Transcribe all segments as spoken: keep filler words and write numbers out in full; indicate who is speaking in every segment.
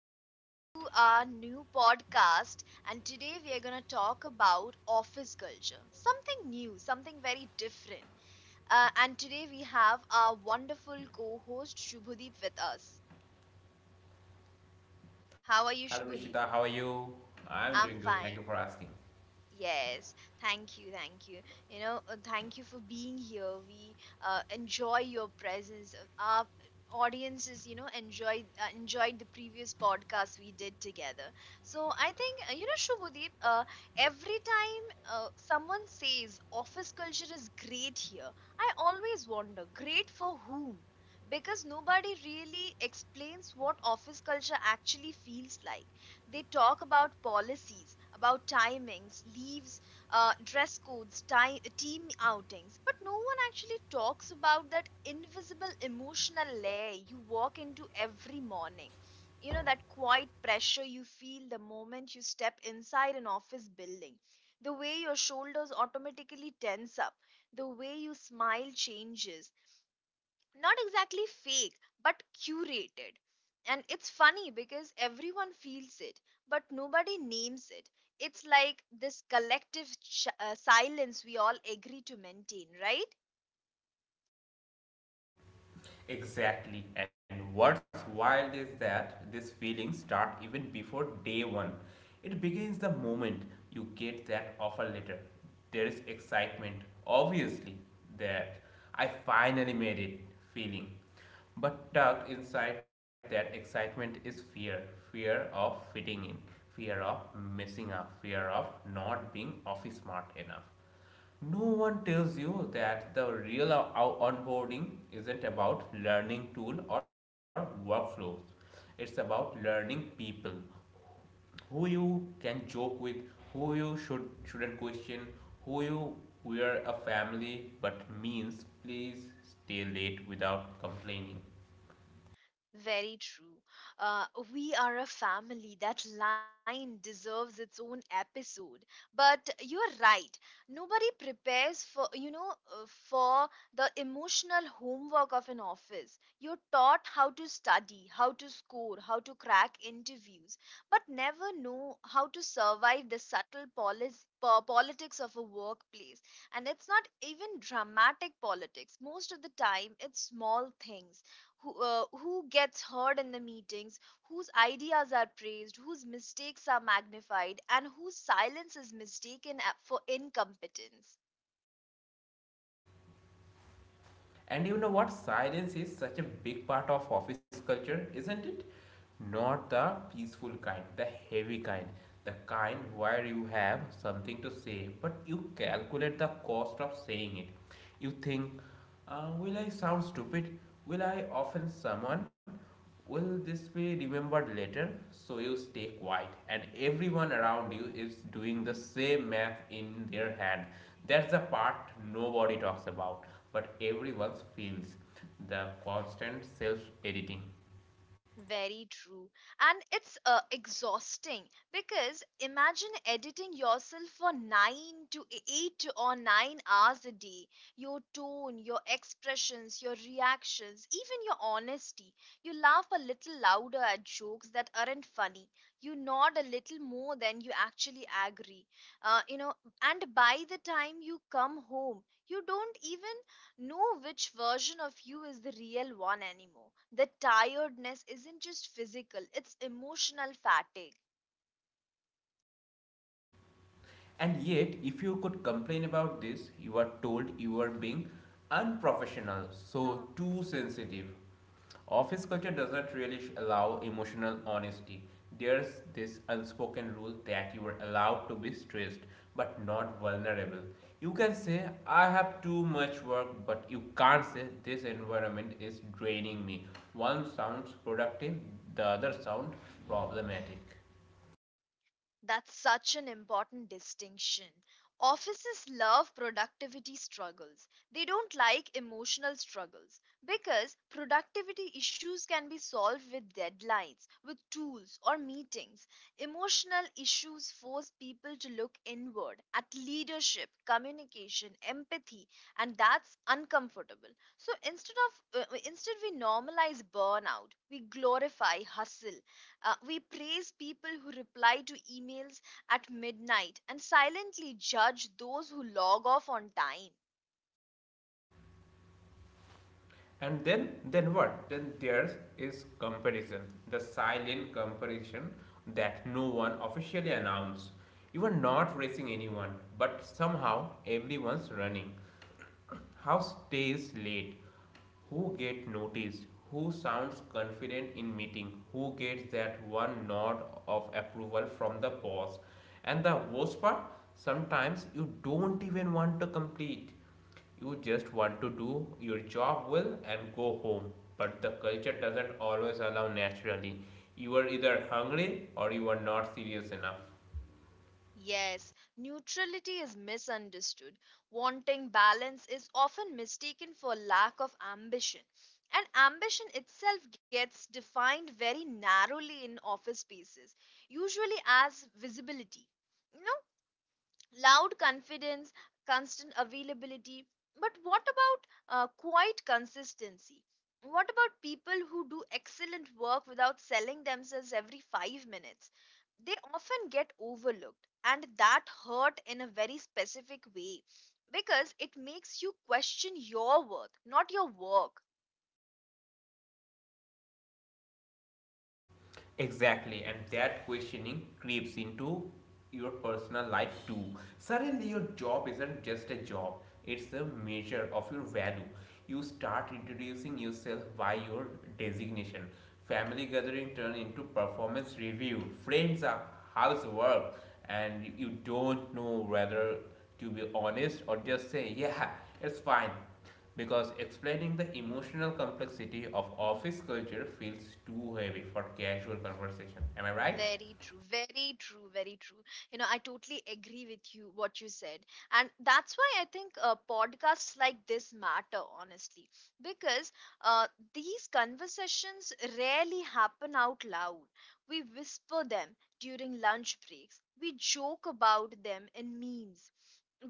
Speaker 1: Welcome to our new podcast. And today we are going to talk about office culture, something new, something very different. Uh, and today we have our wonderful co host Shubhadeep with us. How are you,
Speaker 2: Hello
Speaker 1: Shubhadeep?
Speaker 2: Rishita, how are you? I'm
Speaker 1: I'm
Speaker 2: doing good, thank
Speaker 1: fine.
Speaker 2: you for asking.
Speaker 1: Yes, thank you, thank you. You know, uh, thank you for being here. We uh, enjoy your presence. Uh, Our audiences, you know, enjoyed uh, enjoyed the previous podcast we did together. So I think uh, you know, Shubhadeep. Uh, every time uh, someone says office culture is great here, I always wonder, great for whom? Because nobody really explains what office culture actually feels like. They talk about policies, about timings, leaves, uh, dress codes, time, team outings, but no one actually talks about that invisible emotional layer you walk into every morning. You know, that quiet pressure you feel the moment you step inside an office building, the way your shoulders automatically tense up, the way you smile changes, not exactly fake but curated. And it's funny because everyone feels it but nobody names it. It's like this collective ch- uh, silence we all agree to maintain, right?
Speaker 2: Exactly, and what's wild is that this feeling start even before day one. It begins the moment you get that offer letter. There is excitement, obviously, that I finally made it feeling. But tucked inside that excitement is fear fear of fitting in, fear of messing up, fear of not being office smart enough. No one tells you that the real o- onboarding isn't about learning tool or workflows. It's about learning people, who you can joke with, who you should shouldn't question, who you were a family but means please stay late without complaining.
Speaker 1: Very true. Uh, we are a family. That line deserves its own episode. But you're right. Nobody prepares for, you know, uh, for the emotional homework of an office. You're taught how to study, how to score, how to crack interviews, but never know how to survive the subtle polis- po- politics of a workplace. And it's not even dramatic politics. Most of the time, it's small things. Who, uh, who gets heard in the meetings, whose ideas are praised, whose mistakes are magnified, and whose silence is mistaken a- for incompetence.
Speaker 2: And you know what? Silence is such a big part of office culture, isn't it? Not the peaceful kind, the heavy kind, the kind where you have something to say, but you calculate the cost of saying it. You think, uh, will I sound stupid? Will I offend someone? Will this be remembered later? So you stay quiet, and everyone around you is doing the same math in their hand. That's the part nobody talks about, but everyone feels the constant self editing.
Speaker 1: Very true. And it's uh, exhausting because imagine editing yourself for 9 to e, eight or nine hours a day. Your tone, your expressions, your reactions, even your honesty. You laugh a little louder at jokes that aren't funny. You nod a little more than you actually agree. Uh, you know, and by the time you come home, you don't even know which version of you is the real one anymore. The tiredness isn't just physical, it's emotional fatigue.
Speaker 2: And yet, if you could complain about this, you are told you are being unprofessional, so too sensitive. Office culture doesn't really allow emotional honesty. There's this unspoken rule that you are allowed to be stressed but not vulnerable. You can say, I have too much work, but you can't say, this environment is draining me. One sounds productive, the other sounds problematic.
Speaker 1: That's such an important distinction. Offices love productivity struggles. They don't like emotional struggles because productivity issues can be solved with deadlines, with tools, or meetings. Emotional issues force people to look inward at leadership, communication, empathy, and that's uncomfortable. So instead of uh, instead we normalize burnout, we glorify hustle, uh, we praise people who reply to emails at midnight and silently judge those who log off on time.
Speaker 2: and then then what then there is comparison, the silent comparison that no one officially announced. You are not racing anyone but somehow everyone's running. House stays late? Who get noticed? Who sounds confident in meeting? Who gets that one nod of approval from the boss? And the worst part, sometimes you don't even want to complete. You just want to do your job well and go home. But the culture doesn't always allow naturally. You are either hungry or you are not serious enough.
Speaker 1: Yes, neutrality is misunderstood. Wanting balance is often mistaken for lack of ambition. And ambition itself gets defined very narrowly in office spaces, usually as visibility. No loud confidence, constant availability. But what about uh, quiet consistency? What about people who do excellent work without selling themselves every five minutes? They often get overlooked, and that hurt in a very specific way because it makes you question your worth, not your work.
Speaker 2: Exactly, and that questioning creeps into your personal life too. Suddenly, your job isn't just a job, it's a measure of your value. You start introducing yourself by your designation. Family gathering turn into performance review. Friends are housework, and you you don't know whether to be honest or just say, yeah, it's fine, because explaining the emotional complexity of office culture feels too heavy for casual conversation. Am I right?
Speaker 1: Very true, very true, very true. You know, I totally agree with you what you said. And that's why I think uh, podcasts like this matter, honestly, because uh, these conversations rarely happen out loud. We whisper them during lunch breaks, we joke about them in memes.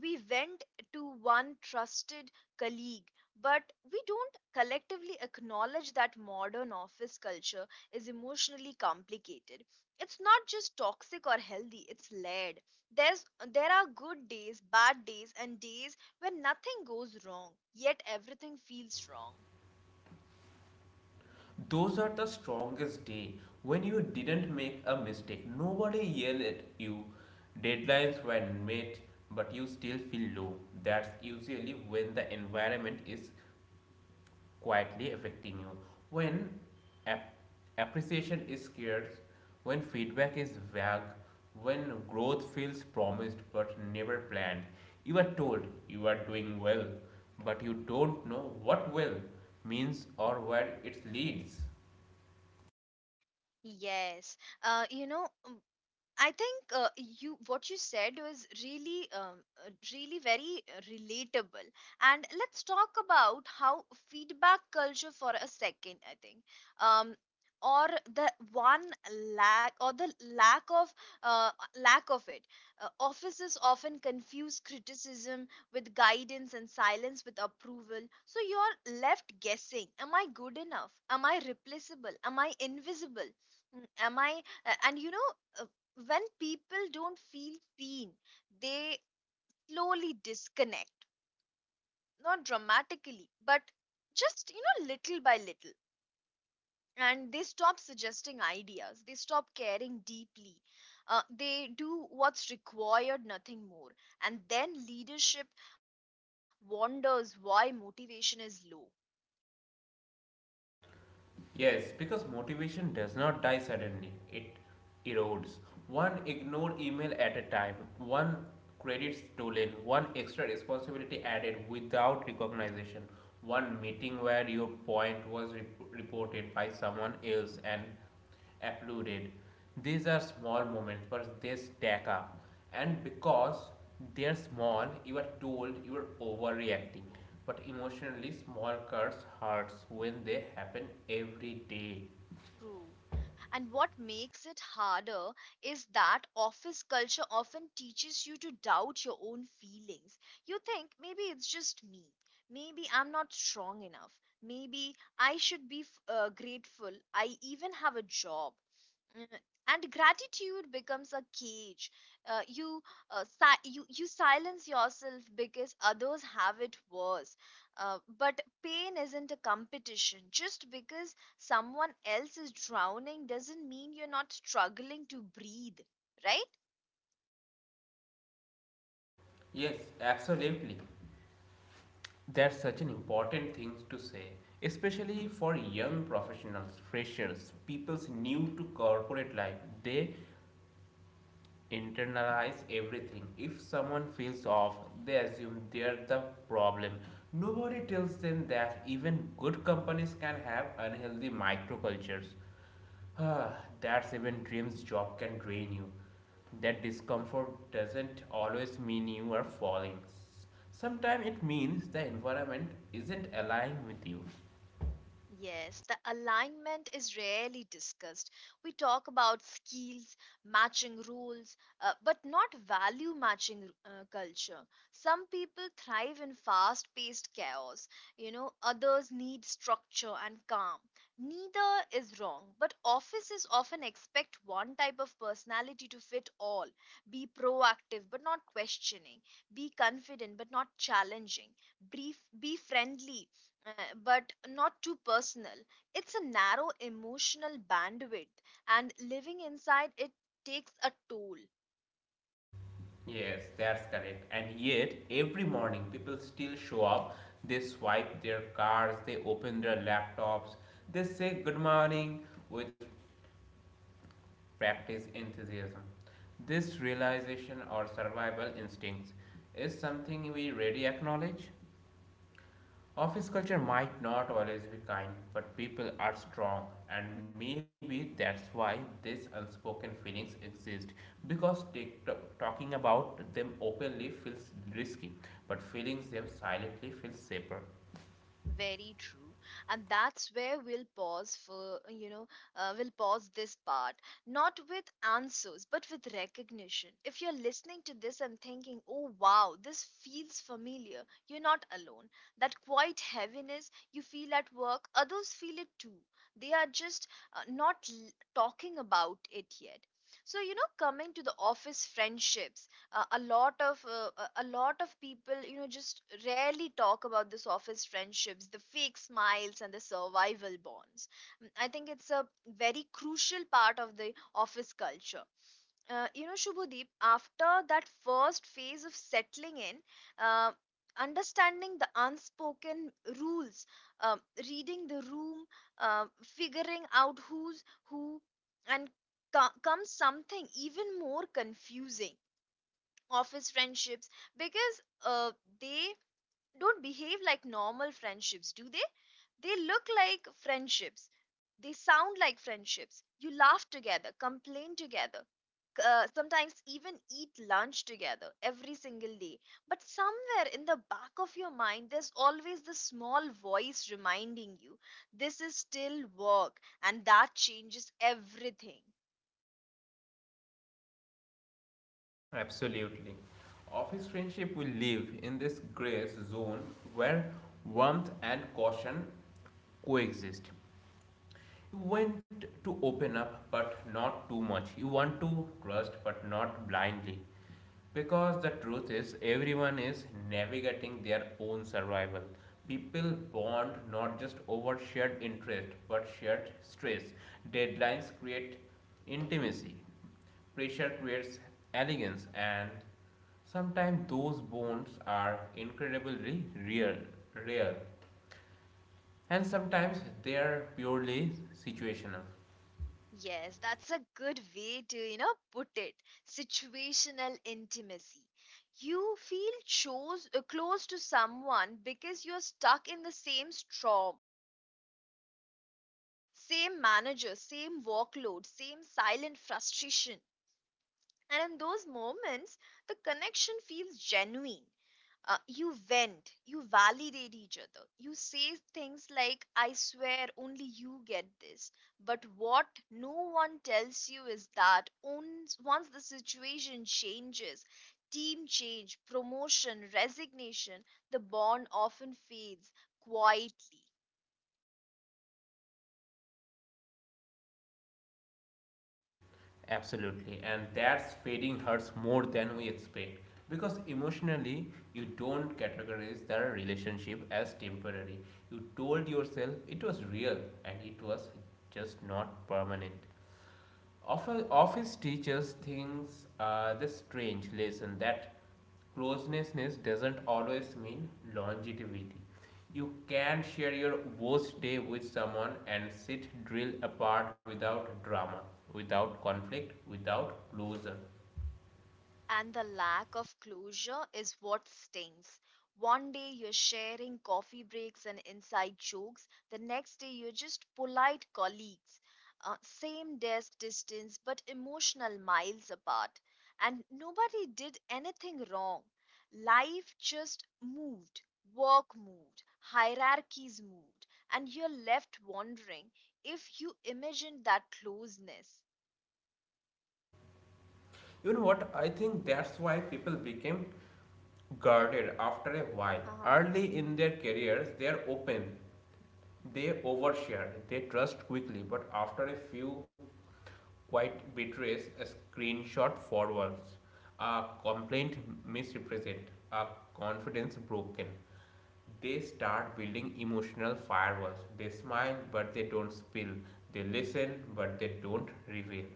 Speaker 1: We went to one trusted colleague, but we don't collectively acknowledge that modern office culture is emotionally complicated. It's not just toxic or healthy, it's layered. there's there are good days, bad days, and days when nothing goes wrong yet everything feels wrong.
Speaker 2: Those are the strongest day when you didn't make a mistake. Nobody yelled at you. Deadlines were met, but you still feel low. That's usually when the environment is quietly affecting you. When ap- appreciation is scarce, when feedback is vague, when growth feels promised but never planned, you are told you are doing well, but you don't know what well means or where it leads.
Speaker 1: Yes. Uh, you know, I think, uh, you, what you said was really, um, uh, really very uh, relatable. And let's talk about how feedback culture for a second. I think, um, or the one lack or the lack of, uh, lack of it. Uh, offices often confuse criticism with guidance and silence with approval. So you're left guessing: Am I good enough? Am I replaceable? Am I invisible? Mm, Am I? Uh, and you know. Uh, when people don't feel seen, they slowly disconnect, not dramatically, but just, you know, little by little. And they stop suggesting ideas, they stop caring deeply, uh, they do what's required, nothing more. And then leadership wonders why motivation is low.
Speaker 2: Yes, because motivation does not die suddenly, it erodes. One ignored email at a time, one credit stolen, one extra responsibility added without recognition, one meeting where your point was rep- reported by someone else and applauded. These are small moments, but they stack up. And because they're small, you are told you are overreacting. But emotionally, small cuts hurts when they happen every day.
Speaker 1: True. And what makes it harder is that office culture often teaches you to doubt your own feelings. You think maybe it's just me. Maybe I'm not strong enough. Maybe I should be f- uh, grateful I even have a job. Mm, and gratitude becomes a cage. Uh, you uh, si- you you silence yourself because others have it worse. Uh, but pain isn't a competition. Just because someone else is drowning doesn't mean you're not struggling to breathe, right?
Speaker 2: Yes, absolutely. That's such an important thing to say, especially for young professionals, freshers, people's new to corporate life. They internalize everything. If someone feels off, they assume they're the problem. Nobody tells them that even good companies can have unhealthy microcultures. That's even dreams job can drain you. That discomfort doesn't always mean you are falling. Sometimes it means the environment isn't aligned with you.
Speaker 1: Yes, the alignment is rarely discussed. We talk about skills, matching rules, uh, but not value matching uh, culture. Some people thrive in fast paced chaos, you know, others need structure and calm. Neither is wrong, but offices often expect one type of personality to fit all. Be proactive but not questioning, be confident but not challenging, brief be friendly uh, but not too personal. It's a narrow emotional bandwidth, and living inside it takes a toll.
Speaker 2: Yes, that's correct. And yet, every morning, people still show up. They swipe their cards, they open their laptops, they say good morning with practice enthusiasm. This realization or survival instincts is something we rarely acknowledge. Office culture might not always be kind, but people are strong, and
Speaker 1: Hmm.
Speaker 2: maybe that's why these unspoken feelings exist. Because t- t- talking about them openly feels risky, but feeling them silently feels safer.
Speaker 1: Very true. And that's where we'll pause for, you know, uh, we'll pause this part, not with answers, but with recognition. If you're listening to this and thinking, oh, wow, this feels familiar, you're not alone. That quiet heaviness you feel at work, others feel it too. They are just uh, not l- talking about it yet. So, you know, coming to the office friendships, uh, a lot of uh, a a lot of people, you know, just rarely talk about this. Office friendships, the fake smiles and the survival bonds. Mm, I think it's a very crucial part of the office culture. Uh, you know, Shubhadeep, after that first phase of settling in, uh, understanding the unspoken rules, uh, reading the room, uh, figuring out who's who, and co- comes something even more confusing: office friendships. Because uh, they don't behave like normal friendships, do they? They look like friendships, they sound like friendships, you laugh together, complain together, c- uh, sometimes even eat lunch together every single day. But somewhere in the back of your mind there's always this small voice reminding you, this is still work, and that changes everything.
Speaker 2: Absolutely. Office friendship will live in this gray zone where warmth and caution coexist. You want to open up, but not too much. You want to trust, but not blindly. Because the truth is, everyone is navigating their own survival. People bond not just over shared interest, but shared stress. Deadlines create intimacy, pressure creates elegance, and sometimes those bonds are incredibly real, real, and sometimes they are purely situational.
Speaker 1: Yes, that's a good way to, you know, put it. Situational intimacy. You feel chose, uh, close to someone because you're stuck in the same storm, same manager, same workload, same silent frustration. And in those moments, the connection feels genuine. Uh, you vent, you validate each other. You say things like, I swear only you get this. But what no one tells you is that ons- once the situation changes, team change, promotion, resignation, the bond often fades quietly.
Speaker 2: Absolutely, and that's fading hurts more than we expect because emotionally you don't categorize the relationship as temporary. You told yourself it was real and it was just not permanent. Often, office teachers things uh, this strange lesson that closeness doesn't always mean longevity. You can share your worst day with someone and sit drill apart without drama, without conflict, without closure.
Speaker 1: And the lack of closure is what stings. One day you're sharing coffee breaks and inside jokes, the next day you're just polite colleagues. Uh, same desk distance, but emotional miles apart. And nobody did anything wrong. Life just moved, work moved, hierarchies moved, and you're left wondering if you imagined that closeness.
Speaker 2: You know what? I think that's why people became guarded after a while.
Speaker 1: Uh-huh.
Speaker 2: Early in their careers, they're open, they overshare, they trust quickly, but after a few quite betrays, a screenshot forwards, a complaint misrepresent, a confidence broken. They start building emotional firewalls. They smile, but they don't spill. They listen, but they don't reveal.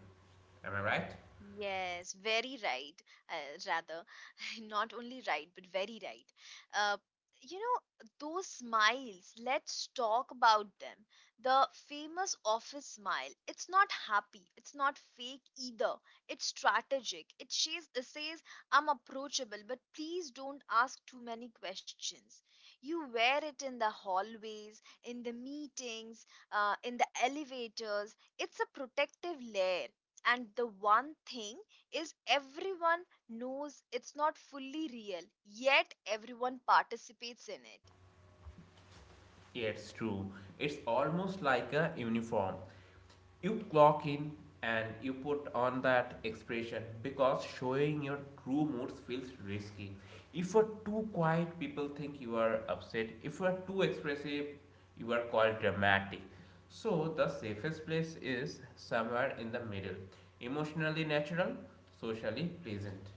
Speaker 2: Am I right?
Speaker 1: Yes, very right. Uh, rather, not only right, but very right. Uh, you know, those smiles, let's talk about them. The famous office smile, it's not happy, it's not fake either. It's strategic. It says, it says, I'm approachable, but please don't ask too many questions. You wear it in the hallways, in the meetings, uh, in the elevators. It's a protective layer, and the one thing is, everyone knows it's not fully real, yet everyone participates in it.
Speaker 2: Yeah, it's true. It's almost like a uniform. You clock in and you put on that expression because showing your true moods feels risky. If you're too quiet, people think you are upset. If you are too expressive, you are called dramatic. So, the safest place is somewhere in the middle, emotionally natural, socially pleasant.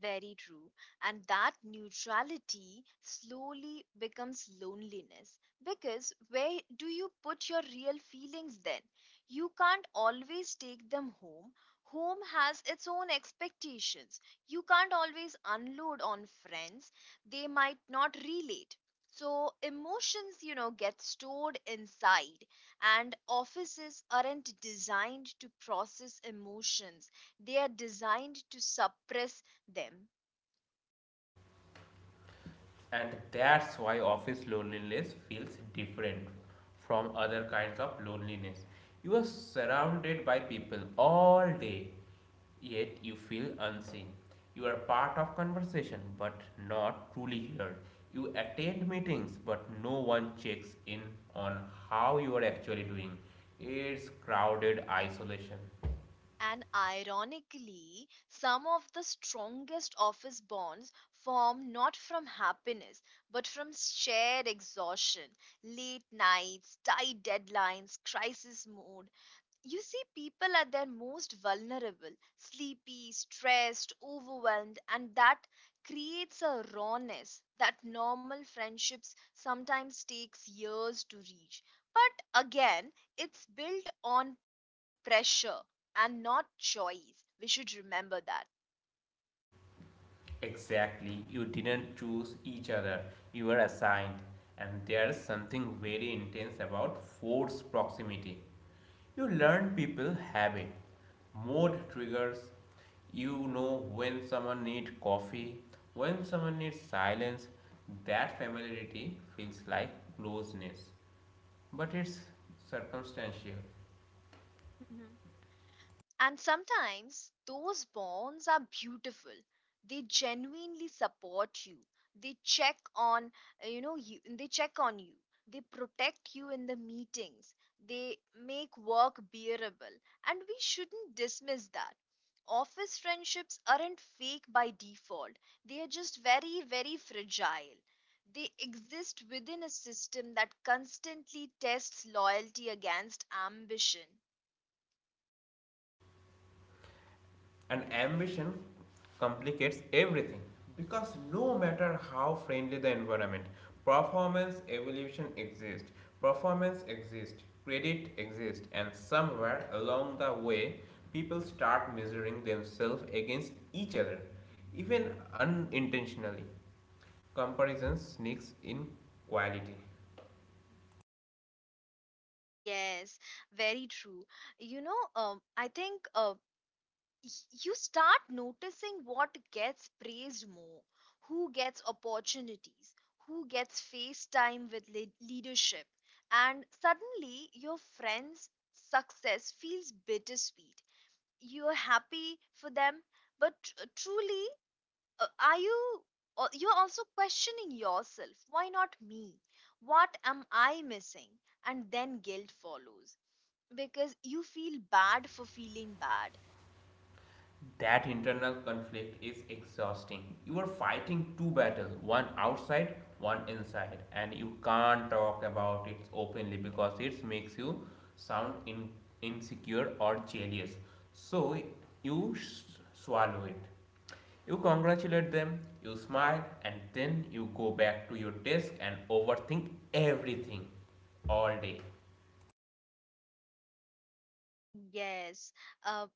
Speaker 1: Very true. And that neutrality slowly becomes loneliness. Because where do you put your real feelings then? You can't always take them home. Home has its own expectations. You can't always unload on friends, they might not relate. So, emotions, you know, get stored inside, and offices aren't designed to process emotions, they are designed to suppress them.
Speaker 2: And that's why office loneliness feels different from other kinds of loneliness. You are surrounded by people all day yet you feel unseen. You are part of conversation but not truly heard. You attend meetings but no one checks in on how you are actually doing. It's crowded isolation.
Speaker 1: And ironically, some of the strongest office bonds form not from happiness, but from shared exhaustion, late nights, tight deadlines, crisis mode. You see people at their most vulnerable, sleepy, stressed, overwhelmed, and that creates a rawness that normal friendships sometimes takes years to reach. But again, it's built on pressure and not choice. We should remember that.
Speaker 2: Exactly, you didn't choose each other, you were assigned. And there's something very intense about forced proximity. You learn people habit, mood triggers. You know when someone needs coffee, when someone needs silence. That familiarity feels like closeness, but it's circumstantial.
Speaker 1: And sometimes those bonds are beautiful. They genuinely support you. They check on, uh, you know, you, they check on you. They protect you in the meetings. They make work bearable. And we shouldn't dismiss that. Office friendships aren't fake by default. They are just very, very fragile. They exist within a system that constantly tests loyalty against ambition.
Speaker 2: And ambition complicates everything because no matter how friendly the environment, performance evolution exists, performance exists, credit exists, and somewhere along the way, people start measuring themselves against each other, even unintentionally. Comparison sneaks in quality.
Speaker 1: Yes, very true. You know, um, I think uh, y- you start noticing what gets praised more, who gets opportunities, who gets face time with le- leadership, and suddenly your friend's success feels bittersweet. You're happy for them, but tr- truly, uh, are you? uh, You're also questioning yourself. Why not me? What am I missing? And then guilt follows because you feel bad for feeling bad.
Speaker 2: That internal conflict is exhausting. You are fighting two battles, one outside, one inside, and you can't talk about it openly because it makes you sound in, insecure or jealous. So you swallow it. You congratulate them, you smile, and then you go back to your desk and overthink everything all day.
Speaker 1: Yes. Uh,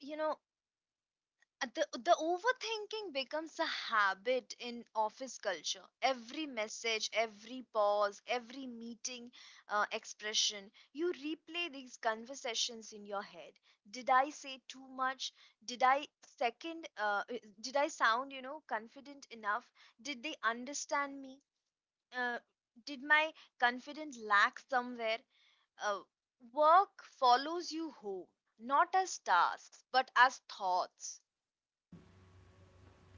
Speaker 1: you know, uh, the, the overthinking becomes a habit in office culture. Every message, every pause, every meeting uh, expression, you replay these conversations in your head. Did I say too much? Did I second? Uh, uh, did I sound, you know, confident enough? Did they understand me? Uh, did my confidence lack somewhere? uh, Work follows you home, not as tasks, but as thoughts.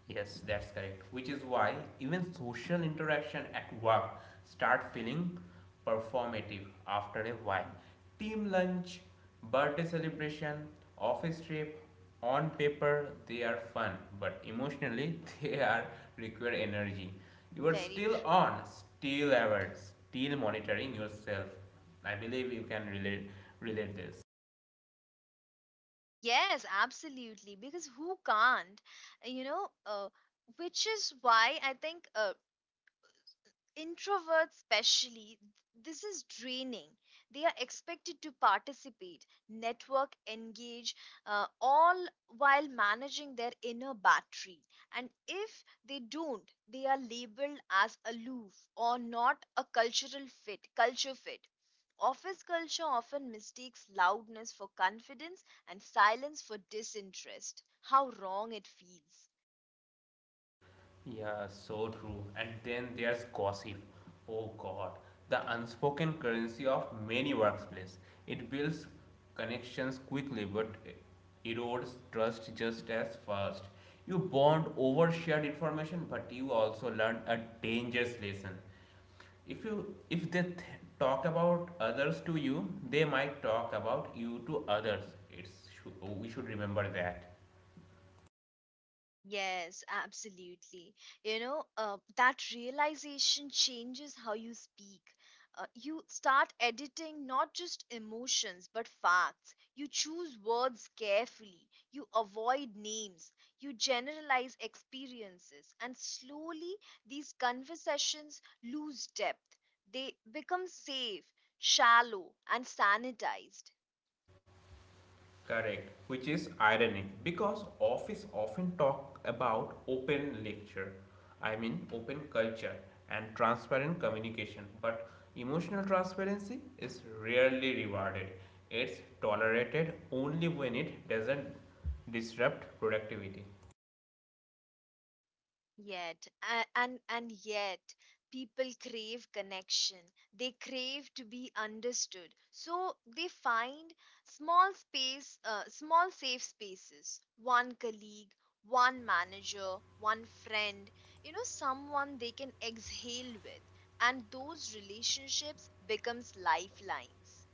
Speaker 2: Yes, that's correct. Which is why even social interaction at work start feeling performative after a while. Team lunch, birthday celebration, office trip, on paper they are fun, but emotionally they are require energy. You are
Speaker 1: Very
Speaker 2: still
Speaker 1: true.
Speaker 2: on, still alert, still monitoring yourself. I believe you can relate relate this.
Speaker 1: Yes, absolutely. Because who can't? You know, uh, which is why I think uh, introverts especially this is draining. They are expected to participate, network, engage, uh, all while managing their inner battery, and if they don't, they are labeled as aloof or not a cultural fit culture fit. Office culture often mistakes loudness for confidence and silence for disinterest. How wrong it feels.
Speaker 2: Yeah, so true. And then there's gossip. Oh God, the unspoken currency of many workplaces. It builds connections quickly, but erodes trust just as fast. You bond over shared information, but you also learn a dangerous lesson. If you if they th- talk about others to you, they might talk about you to others. It's we should remember that.
Speaker 1: Yes, absolutely. You know, uh, that realization changes how you speak. Uh, you start editing not just emotions, but facts. You choose words carefully. You avoid names. You generalize experiences. And slowly, these conversations lose depth. They become safe, shallow, and sanitized.
Speaker 2: Correct, which is ironic because office often talk about open lecture, I mean open culture and transparent communication, but emotional transparency is rarely rewarded. It's tolerated only when it doesn't disrupt productivity.
Speaker 1: Yet, a- and and yet, people crave connection. They crave to be understood. So they find small space, uh, small safe spaces. One colleague, one manager, one friend. You know, someone they can exhale with, and those relationships becomes lifelines.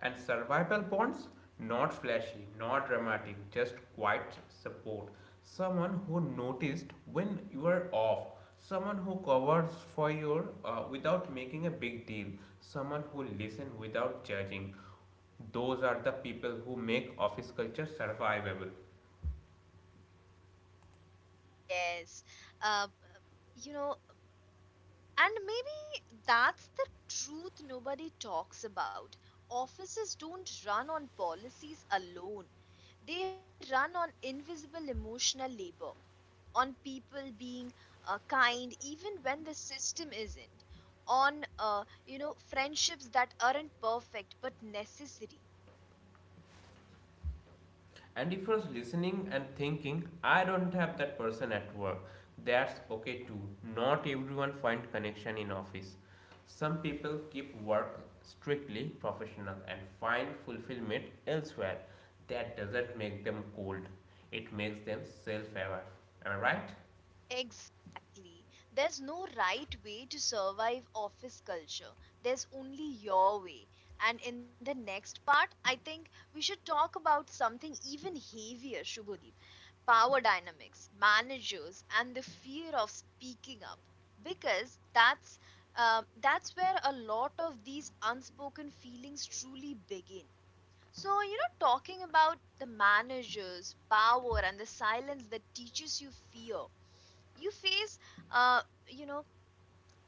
Speaker 2: And survival bonds, not flashy, not dramatic, just quiet support. Someone who noticed when you are off, someone who covers for you uh, without making a big deal, someone who listens without judging. Those are the people who make office culture survivable.
Speaker 1: Yes. uh, you know And maybe that's the truth nobody talks about. Offices don't run on policies alone, they run on invisible emotional labor, on people being uh, kind even when the system isn't, on, uh, you know, friendships that aren't perfect but necessary.
Speaker 2: And if I was listening and thinking, I don't have that person at work, that's okay too. Not everyone find connection in office. Some people keep work strictly professional and find fulfillment elsewhere. That doesn't make them cold. It makes them self-aware. Am I right?
Speaker 1: Exactly. There's no right way to survive office culture. There's only your way. And in the next part, I think we should talk about something even heavier, Shubhodeep. Power dynamics, managers, and the fear of speaking up. Because that's uh, that's where a lot of these unspoken feelings truly begin. So, you know, talking about the managers, power, and the silence that teaches you fear you face uh, you know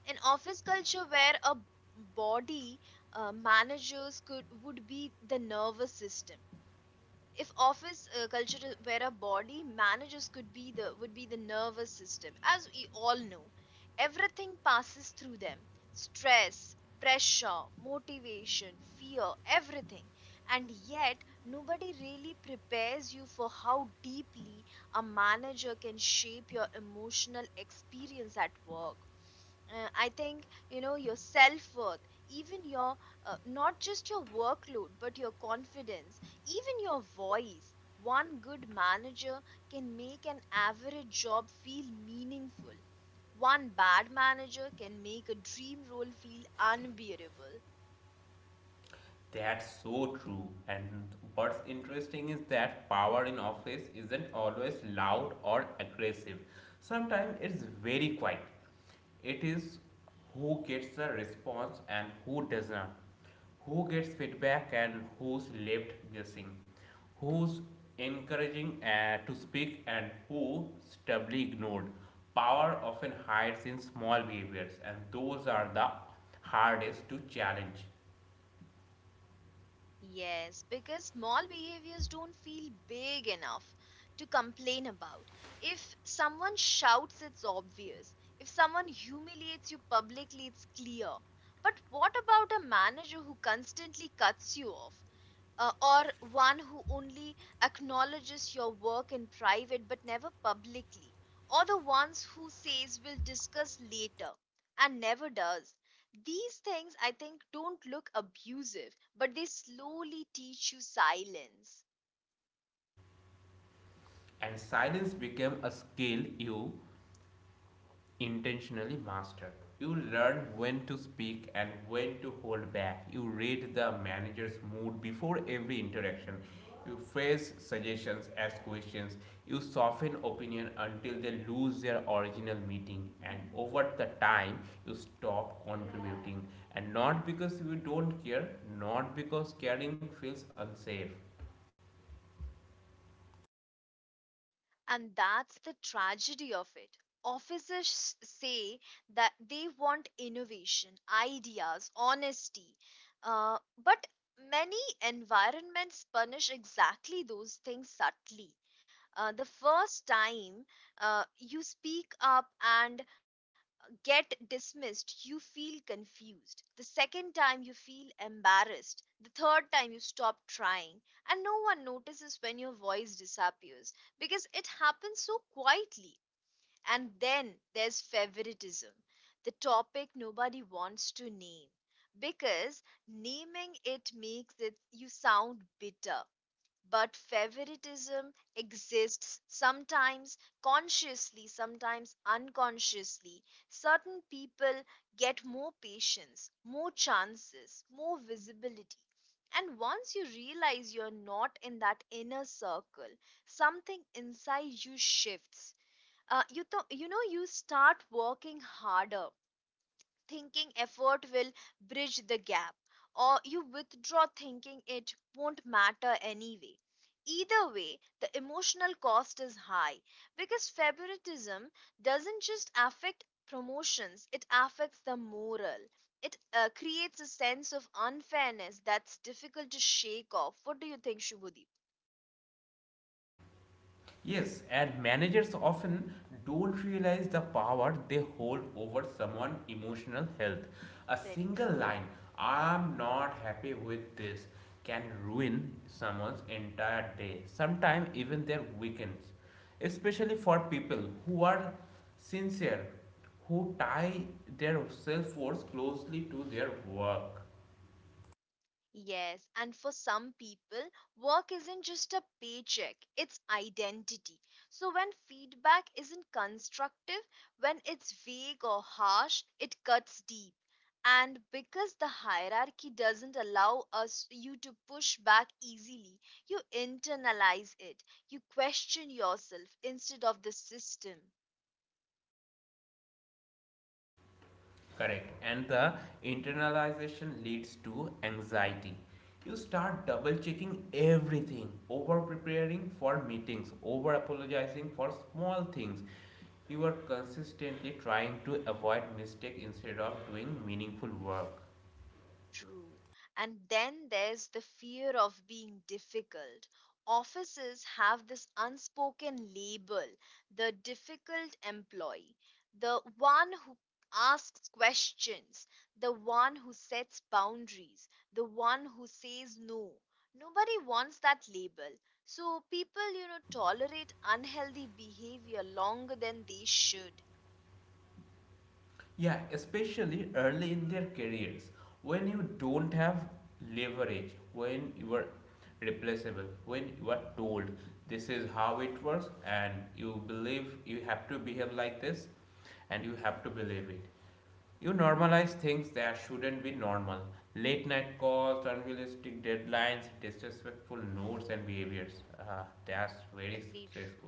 Speaker 1: an office culture where a body uh, managers could would be the nervous system if office uh, culture is- were a body, managers could be the would be the nervous system. As we all know, everything passes through them. Stress, pressure, motivation, fear, everything. And yet nobody really prepares you for how deeply a manager can shape your emotional experience at work. Uh, I think, you know, your self worth, even your uh, not just your workload, but your confidence, even your voice. One good manager can make an average job feel meaningful. One bad manager can make a dream role feel unbearable.
Speaker 2: That's so true. And what's interesting is that power in office isn't always loud or aggressive. Sometimes it's very quiet. It is who gets the response and who does not. Who gets feedback and who's left guessing. Who's encouraging uh, to speak and who stubbornly ignored. Power often hides in small behaviors, and those are the hardest to challenge.
Speaker 1: Yes, because small behaviors don't feel big enough to complain about. If someone shouts, it's obvious. If someone humiliates you publicly, it's clear. But what about a manager who constantly cuts you off? Uh, or one who only acknowledges your work in private but never publicly, or the ones who says we'll discuss later and never does. These things, I think, don't look abusive, but they slowly teach you silence.
Speaker 2: And silence became a skill you intentionally mastered. You learn when to speak and when to hold back. You read the manager's mood before every interaction. You phrase suggestions as questions. You soften opinion until they lose their original meaning. And over the time, you stop contributing. And not because you don't care, not because caring feels unsafe.
Speaker 1: And that's the tragedy of it. Officers say that they want innovation, ideas, honesty. Uh, but many environments punish exactly those things subtly. Uh, the first time uh, you speak up and get dismissed, you feel confused. The second time, you feel embarrassed. The third time, you stop trying. And no one notices when your voice disappears because it happens so quietly. And then there's favoritism, the topic nobody wants to name because naming it makes it you sound bitter. But favoritism exists, sometimes consciously, sometimes unconsciously. Certain people get more patience, more chances, more visibility. And once you realize you're not in that inner circle, something inside you shifts. Uh, you, th- you know, You start working harder, thinking effort will bridge the gap, or you withdraw thinking it won't matter anyway. Either way, the emotional cost is high, because favoritism doesn't just affect promotions, it affects the moral. It uh, creates a sense of unfairness that's difficult to shake off. What do you think, Shubhadeep?
Speaker 2: Yes, and managers often don't realize the power they hold over someone's emotional health. A
Speaker 1: Very
Speaker 2: single
Speaker 1: true.
Speaker 2: line, I'm not happy with this, can ruin someone's entire day, sometimes even their weekends. Especially for people who are sincere, who tie their self worth closely to their work.
Speaker 1: Yes, and for some people, work isn't just a paycheck, it's identity. So when feedback isn't constructive, when it's vague or harsh, it cuts deep. And because the hierarchy doesn't allow us you to push back easily, you internalize it. You question yourself instead of the system.
Speaker 2: Correct. And the internalization leads to anxiety. You start double checking everything, over preparing for meetings, over apologizing for small things. You are consistently trying to avoid mistakes instead of doing meaningful work.
Speaker 1: True. And then there's the fear of being difficult. Offices have this unspoken label, the difficult employee, the one who asks questions, the one who sets boundaries, the one who says no. Nobody wants that label. So people, you know, tolerate unhealthy behavior longer than they should.
Speaker 2: Yeah, especially early in their careers when you don't have leverage, when you are replaceable, when you are told this is how it works and you believe you have to behave like this and you have to
Speaker 1: Mhm.
Speaker 2: believe it. You normalize things that shouldn't be normal: late night calls, unrealistic deadlines, disrespectful notes, and behaviors. Ah, that's
Speaker 1: Very
Speaker 2: very
Speaker 1: true.
Speaker 2: stressful.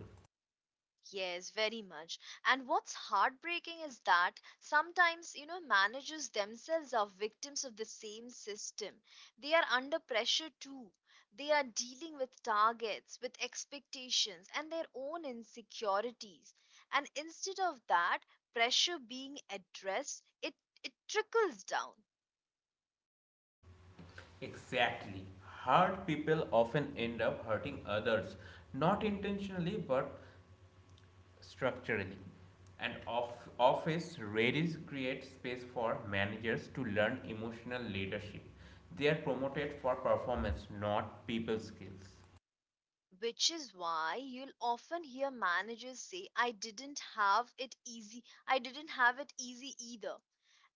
Speaker 1: Yes, very much. And what's heartbreaking is that sometimes, you know, managers themselves are victims of the same system. They are under pressure too. They are dealing with targets, with expectations, and their own insecurities. And instead of that pressure being addressed, it, it trickles down.
Speaker 2: Exactly. Hurt people often end up hurting others, not intentionally but structurally. And off- office rarely create space for managers to learn emotional leadership. They are promoted for performance, not people skills.
Speaker 1: Which is why you'll often hear managers say, I didn't have it easy. I didn't have it easy either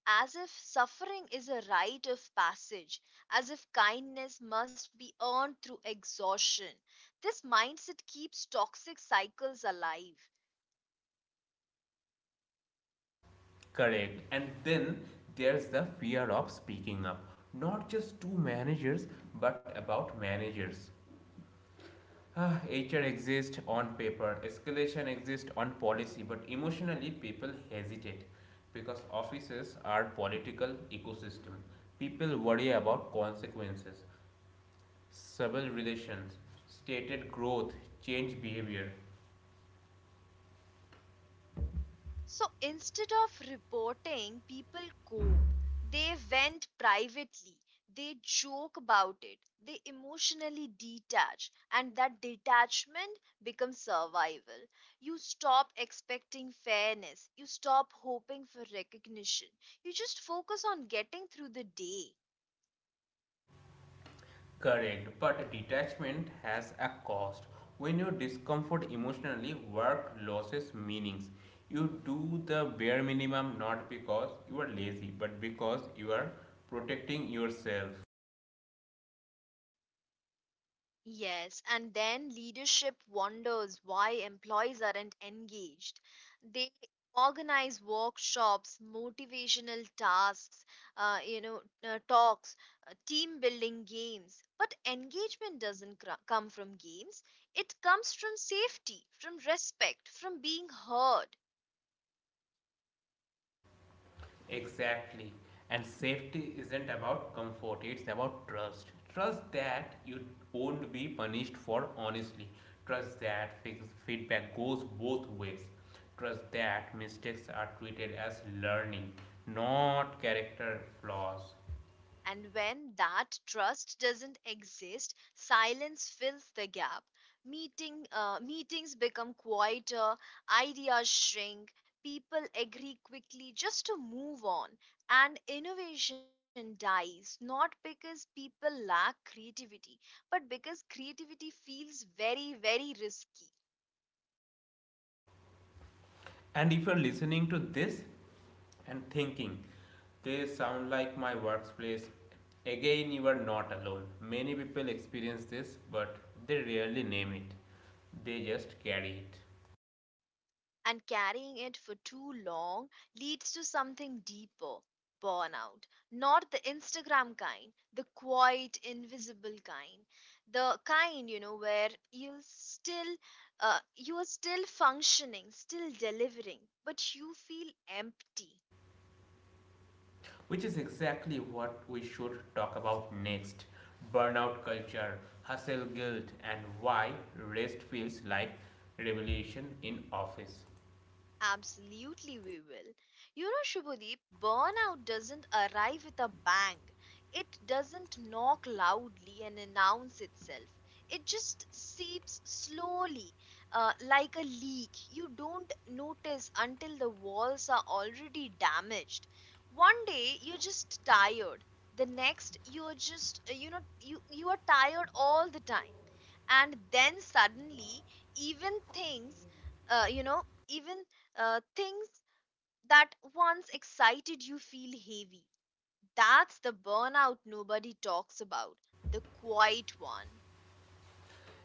Speaker 1: as if suffering is a rite of passage, as if kindness must be earned through exhaustion. This mindset keeps toxic cycles alive.
Speaker 2: Correct. And then there's the fear of speaking up, not just to managers, but about managers. Ah, H R exists on paper, escalation exists on policy, but emotionally people hesitate because offices are political ecosystem. People worry about consequences, civil relations, stated growth, change behavior.
Speaker 1: So instead of reporting, people cope. They vent privately. They joke about it. They emotionally detach. And that detachment becomes survival. You stop expecting fairness. You stop hoping for recognition. You just focus on getting through the day.
Speaker 2: Correct, but detachment has a cost. When you discomfort emotionally, work loses meanings. You do the bare minimum not because you are lazy, but because you are protecting yourself.
Speaker 1: Yes, and then leadership wonders why employees aren't engaged. They organize workshops, motivational tasks, uh, you know, uh, talks, uh, team building games. But engagement doesn't cr- come from games. It comes from safety, from respect, from being heard.
Speaker 2: Exactly. And safety isn't about comfort, it's about trust. Trust that you won't be punished for honestly. Trust that fix- feedback goes both ways. Trust that mistakes are treated as learning, not character flaws.
Speaker 1: And when that trust doesn't exist, silence fills the gap. Meeting, uh, meetings become quieter, ideas shrink, people agree quickly just to move on, and innovation dies not because people lack creativity, but because creativity feels very, very risky.
Speaker 2: And if you're listening to this and thinking, they sound like my workplace, again, you are not alone. Many people experience this, but they rarely name it, they just carry it.
Speaker 1: And carrying it for too long leads to something deeper, burnout. Not the Instagram kind, the quiet, invisible kind. The kind, you know, where you still uh, you are still functioning, still delivering, but you feel empty.
Speaker 2: Which is exactly what we should talk about next: burnout culture, hustle guilt, and why rest feels like revolution in office.
Speaker 1: Absolutely, we will. You know, Shubhadeep, burnout doesn't arrive with a bang. It doesn't knock loudly and announce itself. It just seeps slowly, uh, like a leak. You don't notice until the walls are already damaged. One day, you're just tired. The next, you're just, uh, you know, you, you are tired all the time. And then suddenly, even things, uh, you know, even uh, things that once excited you feel heavy. That's the burnout nobody talks about, the quiet one.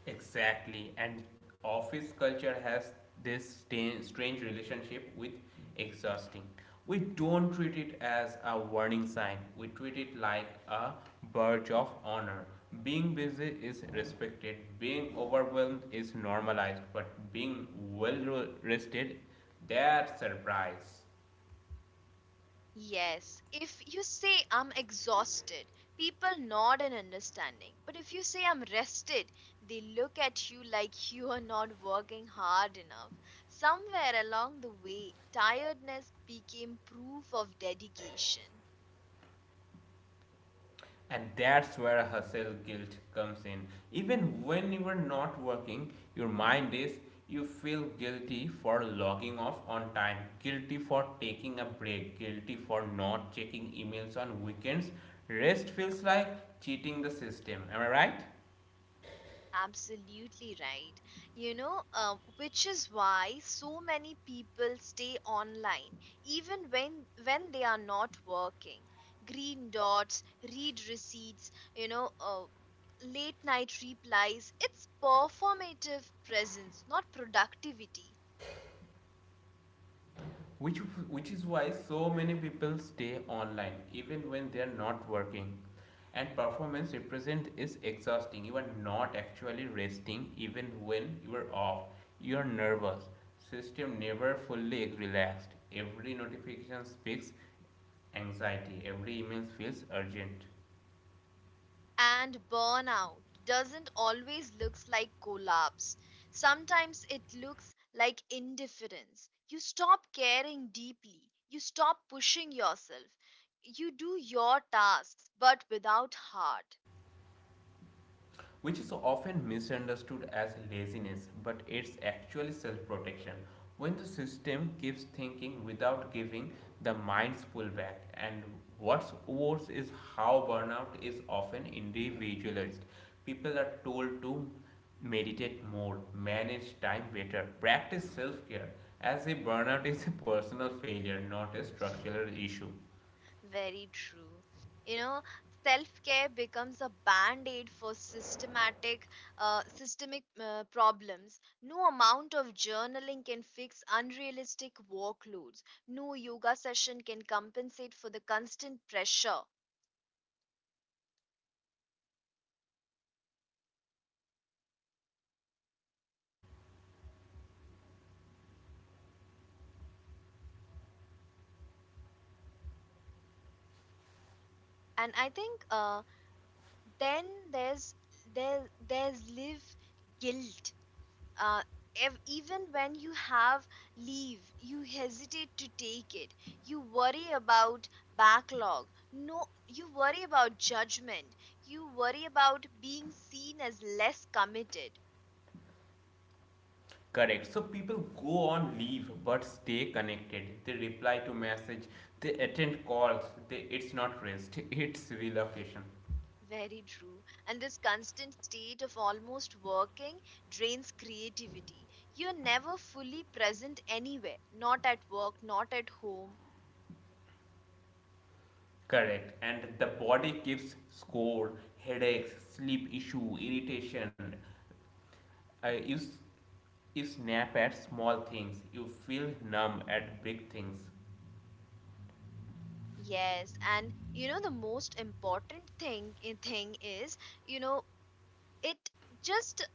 Speaker 2: Exactly, and office culture has this sta- strange relationship with exhausting. We don't treat it as a warning sign, we treat it like a badge of honor. Being busy is respected, being overwhelmed is normalized, but being well rested, that's a surprise.
Speaker 1: Yes, if you say I'm exhausted, people nod in understanding. But if you say I'm rested, they look at you like you are not working hard enough. Somewhere along the way, tiredness became proof of dedication.
Speaker 2: And that's where hustle guilt comes in. Even when you are not working, your mind is, you feel guilty for logging off on time, guilty for taking a break, guilty for not checking emails on weekends. Rest feels like cheating the system. Am I right?
Speaker 1: Absolutely right. You know, um, which is why so many people stay online even when when they are not working. Green dots, read receipts, you know, uh, late night replies. It's performative presence, not productivity.
Speaker 2: which which is why so many people stay online even when they are not working, and performance represent is exhausting. You are not actually resting. Even when you are off, you are nervous. System never fully relaxed, every notification speaks anxiety, every email feels urgent.
Speaker 1: And burnout doesn't always looks like collapse, sometimes it looks like indifference. You stop caring deeply, you stop pushing yourself, you do your tasks but without heart.
Speaker 2: Which is often misunderstood as laziness, but it's actually self protection. When the system keeps thinking without giving, the minds pull back. And what's worse is how burnout is often individualized. People are told to meditate more, manage time better, practice self care, as if burnout is a personal failure, not a structural issue.
Speaker 1: Very true. You know, self care becomes a band aid for systematic, uh, systemic uh, problems. No amount of journaling can fix unrealistic workloads. No yoga session can compensate for the constant pressure. And I think uh, then there's there there's live guilt. Uh, ev- even when you have leave, you hesitate to take it. You worry about backlog. No, You worry about judgment. You worry about being seen as less committed.
Speaker 2: Correct. So people go on leave but stay connected. They reply to message, they attend calls. They, it's not rest, it's relocation.
Speaker 1: Very true. And this constant state of almost working drains creativity. You're never fully present anywhere, not at work, not at home.
Speaker 2: Correct. And the body keeps score, headaches, sleep issue, irritation. Uh, you, you snap at small things. You feel numb at big things.
Speaker 1: Yes, and you know the most important thing eh, thing is, you know it just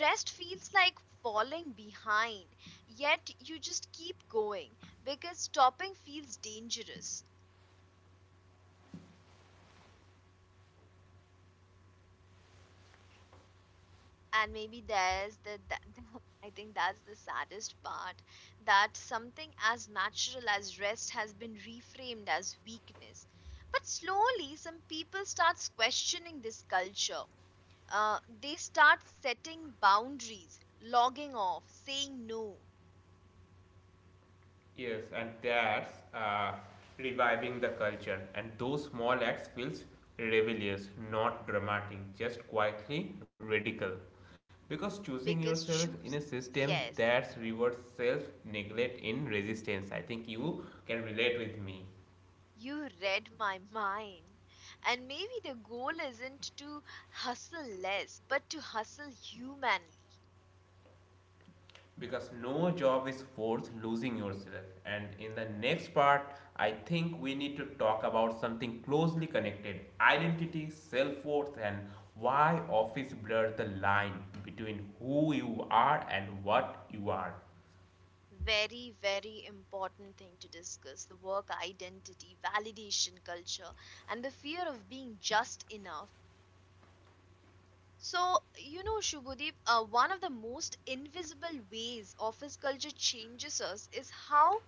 Speaker 1: rest feels like falling behind, yet you just keep going because stopping feels dangerous. And maybe there's the that, I think that's the saddest part, that something as natural as rest has been reframed as weakness. But slowly some people starts questioning this culture. Uh, they start setting boundaries, logging off, saying no,
Speaker 2: Yes, and that's uh, reviving the culture. And those small acts feels rebellious, not dramatic, just quietly radical. Because
Speaker 1: because
Speaker 2: choosing
Speaker 1: choosing.
Speaker 2: yourself in a
Speaker 1: Yes.
Speaker 2: system that rewards self neglect in resistance. I think you can relate with me.
Speaker 1: You read my mind. And maybe the goal isn't to hustle less, but to hustle humanly.
Speaker 2: Because no job is worth losing yourself, and in the next part I think we need to talk about something closely connected: identity, self-worth, and why office blurs the line between who you are and what you are.
Speaker 1: Very, very important thing to discuss, the work identity, validation culture, and the fear of being just enough. So, you know, Shubhadeep, uh, one of the most invisible ways office culture changes us is how,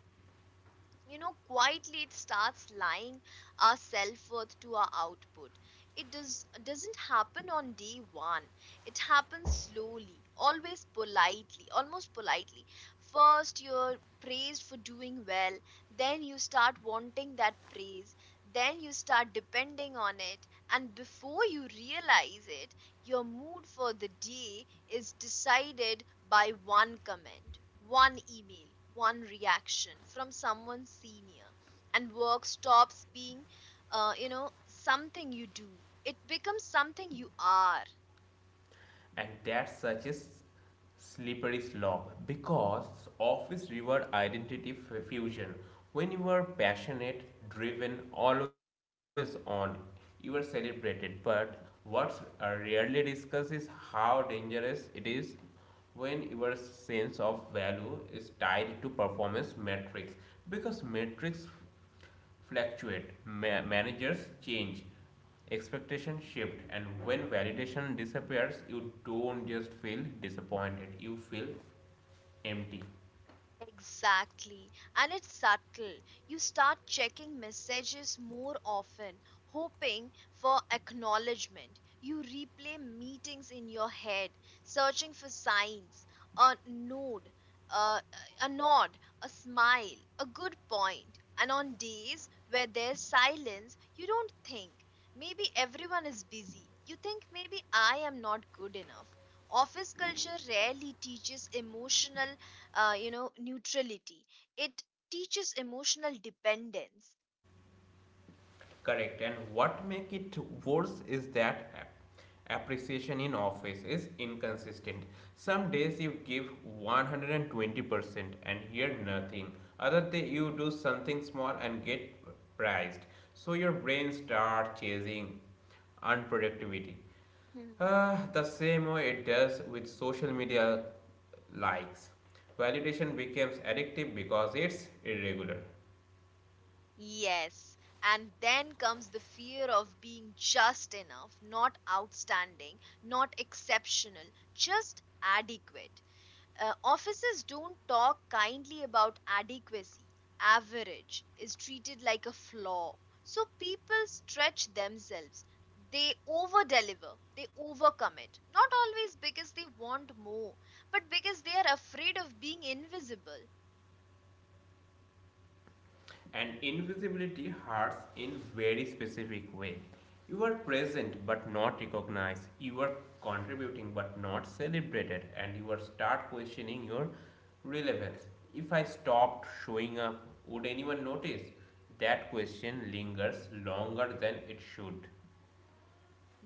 Speaker 1: you know, quietly it starts lying our self worth to our output. It does doesn't happen on day one. It happens slowly, always politely, almost politely. First, you're praised for doing well. Then you start wanting that praise. Then you start depending on it, and before you realize it, your mood for the day is decided by one comment, one email, one reaction from someone senior, and work stops being, uh, you know, something you do. It becomes something you are.
Speaker 2: And that such a s- slippery slope because of its reward identity fusion. When you are passionate, driven, always on, you are celebrated, but what's uh, rarely discussed is how dangerous it is when your sense of value is tied to performance metrics, because metrics fluctuate, ma- managers change, expectation shift, and when validation disappears you don't just feel disappointed, you feel empty.
Speaker 1: Exactly. And it's subtle. You start checking messages more often, hoping for acknowledgement. You replay meetings in your head, searching for signs, a nod, uh, a nod, a smile, a good point. And on days where there's silence, you don't think. Maybe everyone is busy. You think maybe I am not good enough. Office culture rarely teaches emotional uh, you know, neutrality. It teaches emotional dependence.
Speaker 2: Correct. And what make it worse is that appreciation in office is inconsistent. Some days you give one hundred twenty percent and hear nothing. Other day you do something small and get praised. So your brain starts chasing unproductivity. Uh,
Speaker 1: Hmm.
Speaker 2: the same way it does with social media likes. Validation becomes addictive because it's irregular.
Speaker 1: Yes, and then comes the fear of being just enough, not outstanding, not exceptional, just adequate. Uh, offices don't talk kindly about adequacy. Average is treated like a flaw. So people stretch themselves. They over deliver, they overcommit. Not always because they want more, but because they are afraid of being invisible.
Speaker 2: And invisibility hurts in very specific way. You are present but not recognized. You are contributing but not celebrated, and you are start questioning your relevance. If I stopped showing up, would anyone notice? That question lingers longer than it should.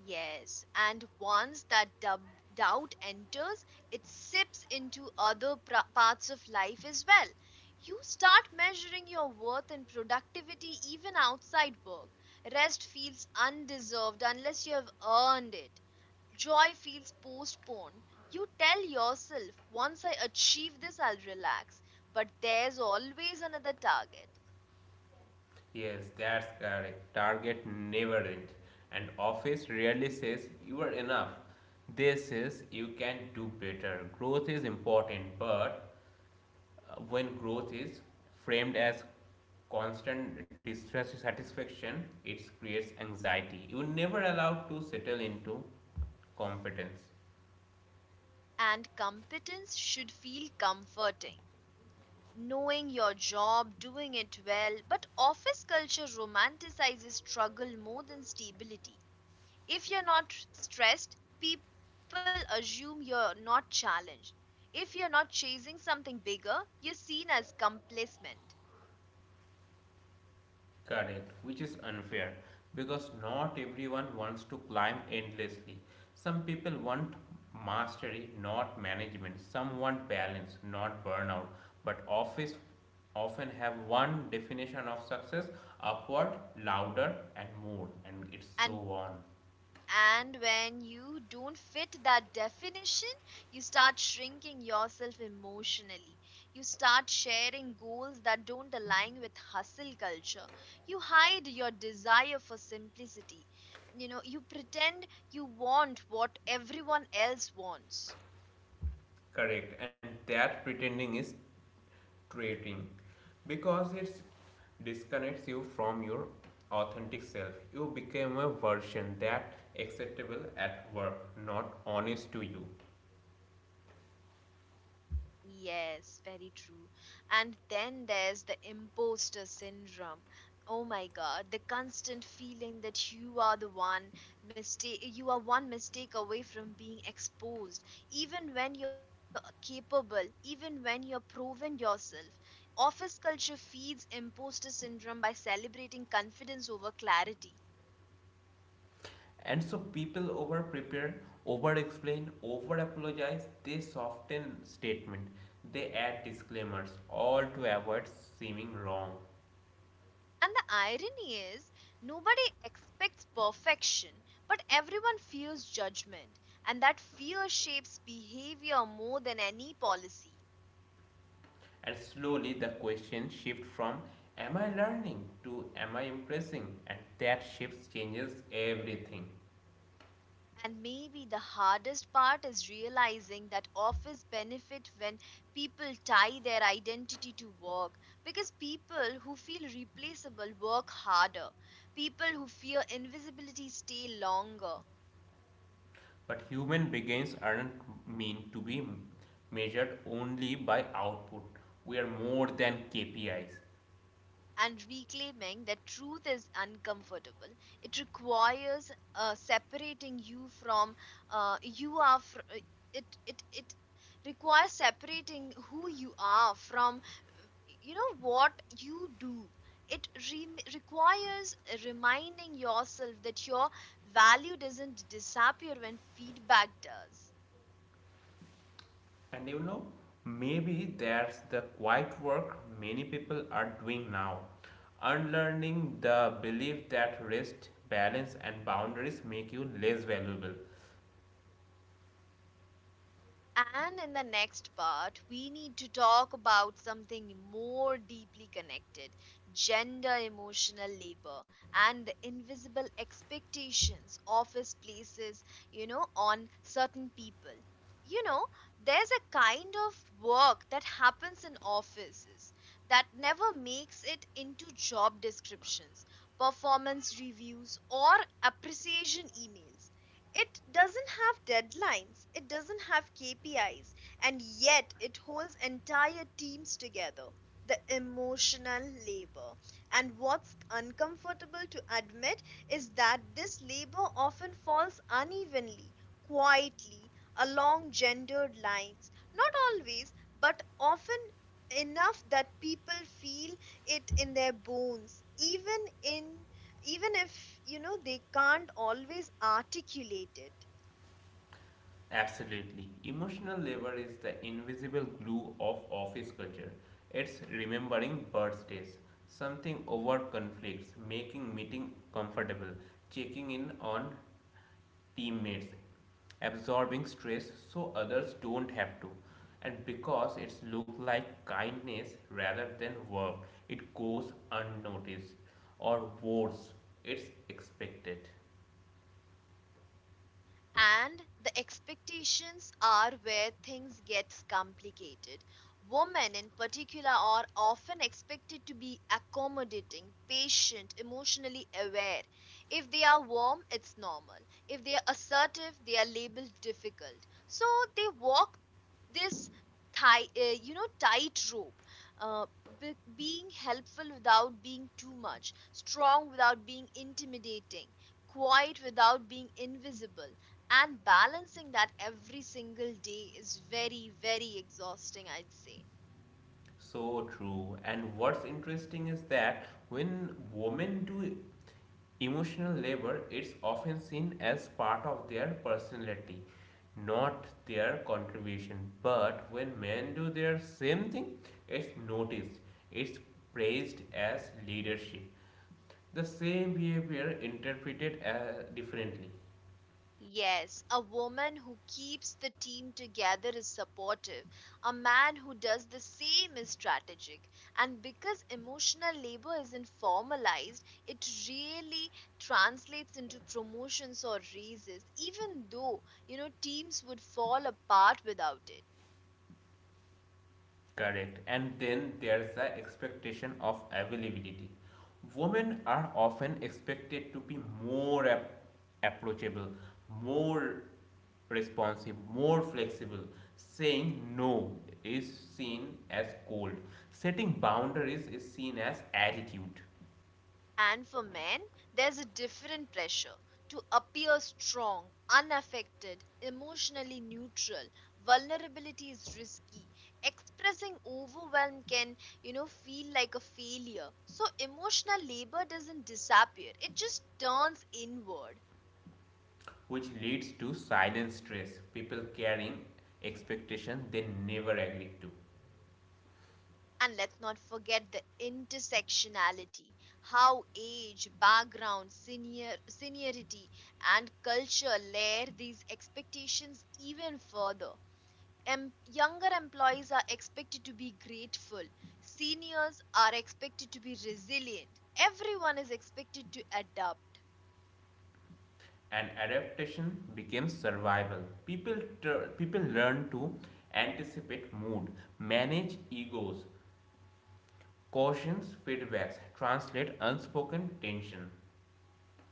Speaker 1: Yes, and once that dub- doubt enters, it sips into other pra- parts of life as well. You start measuring your worth and productivity even outside work. Rest feels undeserved unless you have earned it. Joy feels postponed. You tell yourself, once I achieve this, I'll relax. But there's always another target,
Speaker 2: Yes, that's correct. Target never ends. And office rarely says you are enough. They says you can do better. Growth is important, but uh, when growth is framed as constant distress to satisfaction, it creates anxiety. You're never allowed to settle into competence.
Speaker 1: and competence should feel comforting. Knowing your job, doing it well. But office culture romanticizes struggle more than stability. If you're not stressed, people assume you're not challenged. If you're not chasing something bigger, you're seen as complacent.
Speaker 2: Correct, which is unfair because not everyone wants to climb endlessly. Some people want mastery not management, some want balance not burnout, but office often have one definition of success: upward, louder, and more, and it's so
Speaker 1: And
Speaker 2: on.
Speaker 1: And when you don't fit that definition, you start shrinking yourself emotionally. You start sharing goals that don't align with hustle culture. You hide your desire for simplicity. You know, you pretend you want what everyone else wants.
Speaker 2: Correct, and that pretending is trading because it disconnects you from your authentic self. You become a version that acceptable at work, not honest to you.
Speaker 1: Yes, very true. And then there's the imposter syndrome. Oh my God, the constant feeling that you are the one mistake, you are one mistake away from being exposed, even when you're capable, even when you're proven yourself. Office culture feeds imposter syndrome by celebrating confidence over clarity.
Speaker 2: And so people over prepare, over explain, over apologize, they soften statement, they add disclaimers, all to avoid seeming wrong.
Speaker 1: And the irony is, nobody expects perfection, but everyone fears judgment, and that fear shapes behavior more than any policy.
Speaker 2: And slowly the question shifts from am I learning to am I impressing? And that shift changes everything.
Speaker 1: And maybe the hardest part is realizing that office benefit when people tie their identity to work, because people who feel replaceable work harder, people who fear invisibility stay longer.
Speaker 2: But human beings aren't meant to be measured only by output. We are more than K P Is.
Speaker 1: And reclaiming that truth is uncomfortable. It requires uh, separating you from uh, you are fr- uh, it it it requires separating who you are from uh, you know what you do. It re- requires reminding yourself that your value doesn't disappear when feedback does.
Speaker 2: And you know, maybe that's the quiet work many people are doing now. Unlearning the belief that rest, balance, and boundaries make you less valuable.
Speaker 1: And in the next part, we need to talk about something more deeply connected, gender emotional labor and the invisible expectations office places, you know, on certain people. You know, there's a kind of work that happens in offices that never makes it into job descriptions, performance reviews, or appreciation emails. It doesn't have deadlines, it doesn't have K P Is, and yet it holds entire teams together. The emotional labor. And what's uncomfortable to admit is that this labor often falls unevenly, quietly, along gendered lines. Not always, but often enough that people feel it in their bones, even in even if you know they can't always articulate it.
Speaker 2: Absolutely. Emotional labor is the invisible glue of office culture. It's remembering birthdays, something over conflicts, making meeting comfortable, checking in on teammates, absorbing stress so others don't have to. And because it's look like kindness rather than work, it goes unnoticed, or worse, it's expected.
Speaker 1: And the expectations are where things gets complicated. Women in particular are often expected to be accommodating, patient, emotionally aware. If they are warm, it's normal. If they are assertive, they are labeled difficult. So they walk this tight, uh, you know, tightrope, uh, be- being helpful without being too much, strong without being intimidating, quiet without being invisible, and balancing that every single day is very, very exhausting, I'd say.
Speaker 2: So true. And what's interesting is that when women do emotional labor, it's often seen as part of their personality, not their contribution. But when men do their same thing, it's noticed, it's praised as leadership. The same behavior interpreted uh, differently.
Speaker 1: Yes, a woman who keeps the team together is supportive. A man who does the same is strategic. And because emotional labor isn't formalized, it really translates into promotions or raises, even though, you know, teams would fall apart without it.
Speaker 2: Correct. And then there's the expectation of availability. Women are often expected to be more ap- approachable, more responsive, more flexible. Saying no is seen as cold. Setting boundaries is seen as attitude,
Speaker 1: And for men, there's a different pressure to appear strong, unaffected, emotionally neutral. Vulnerability is risky. Expressing overwhelm can, you know, feel like a failure. So emotional labor doesn't disappear, it just turns inward.
Speaker 2: which leads to silent stress, people carrying expectation they never agreed to.
Speaker 1: And let's not forget the intersectionality, how age, background, senior, seniority, and culture layer these expectations even further. Em- younger employees are expected to be grateful. Seniors are expected to be resilient. Everyone is expected to adapt.
Speaker 2: And adaptation became survival. People people learn to anticipate mood, manage egos, cautions feedbacks, translate unspoken tension.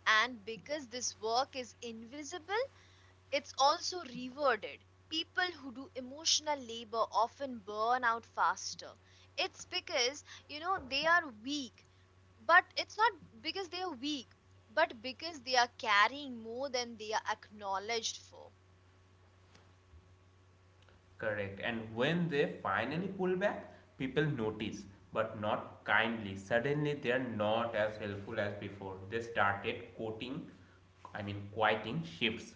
Speaker 1: And because this work is invisible, it's also rewarded. People who do emotional labor often burn out faster. It's because, you know, they are weak. But it's not because they are weak, but because they are carrying more than they are acknowledged for.
Speaker 2: Correct, and when they finally pull back, people notice, but not kindly. Suddenly they are not as helpful as before. They started quoting, I mean quieting shifts.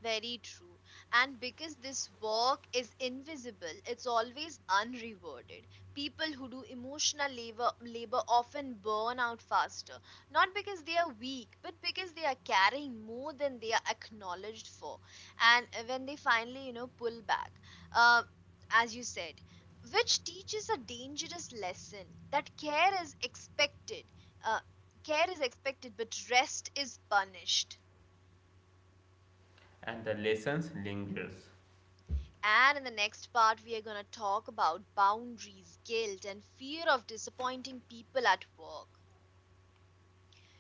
Speaker 1: Very true. And because this work is invisible, it's always unrewarded. People who do emotional labor, labor often burn out faster, not because they are weak, but because they are carrying more than they are acknowledged for. And uh, when they finally, you know, pull back, uh, as you said, which teaches a dangerous lesson that care is expected. Uh, care is expected, but rest is punished.
Speaker 2: And the lessons lingers.
Speaker 1: And in the next part, we are going to talk about boundaries, guilt, and fear of disappointing people at work.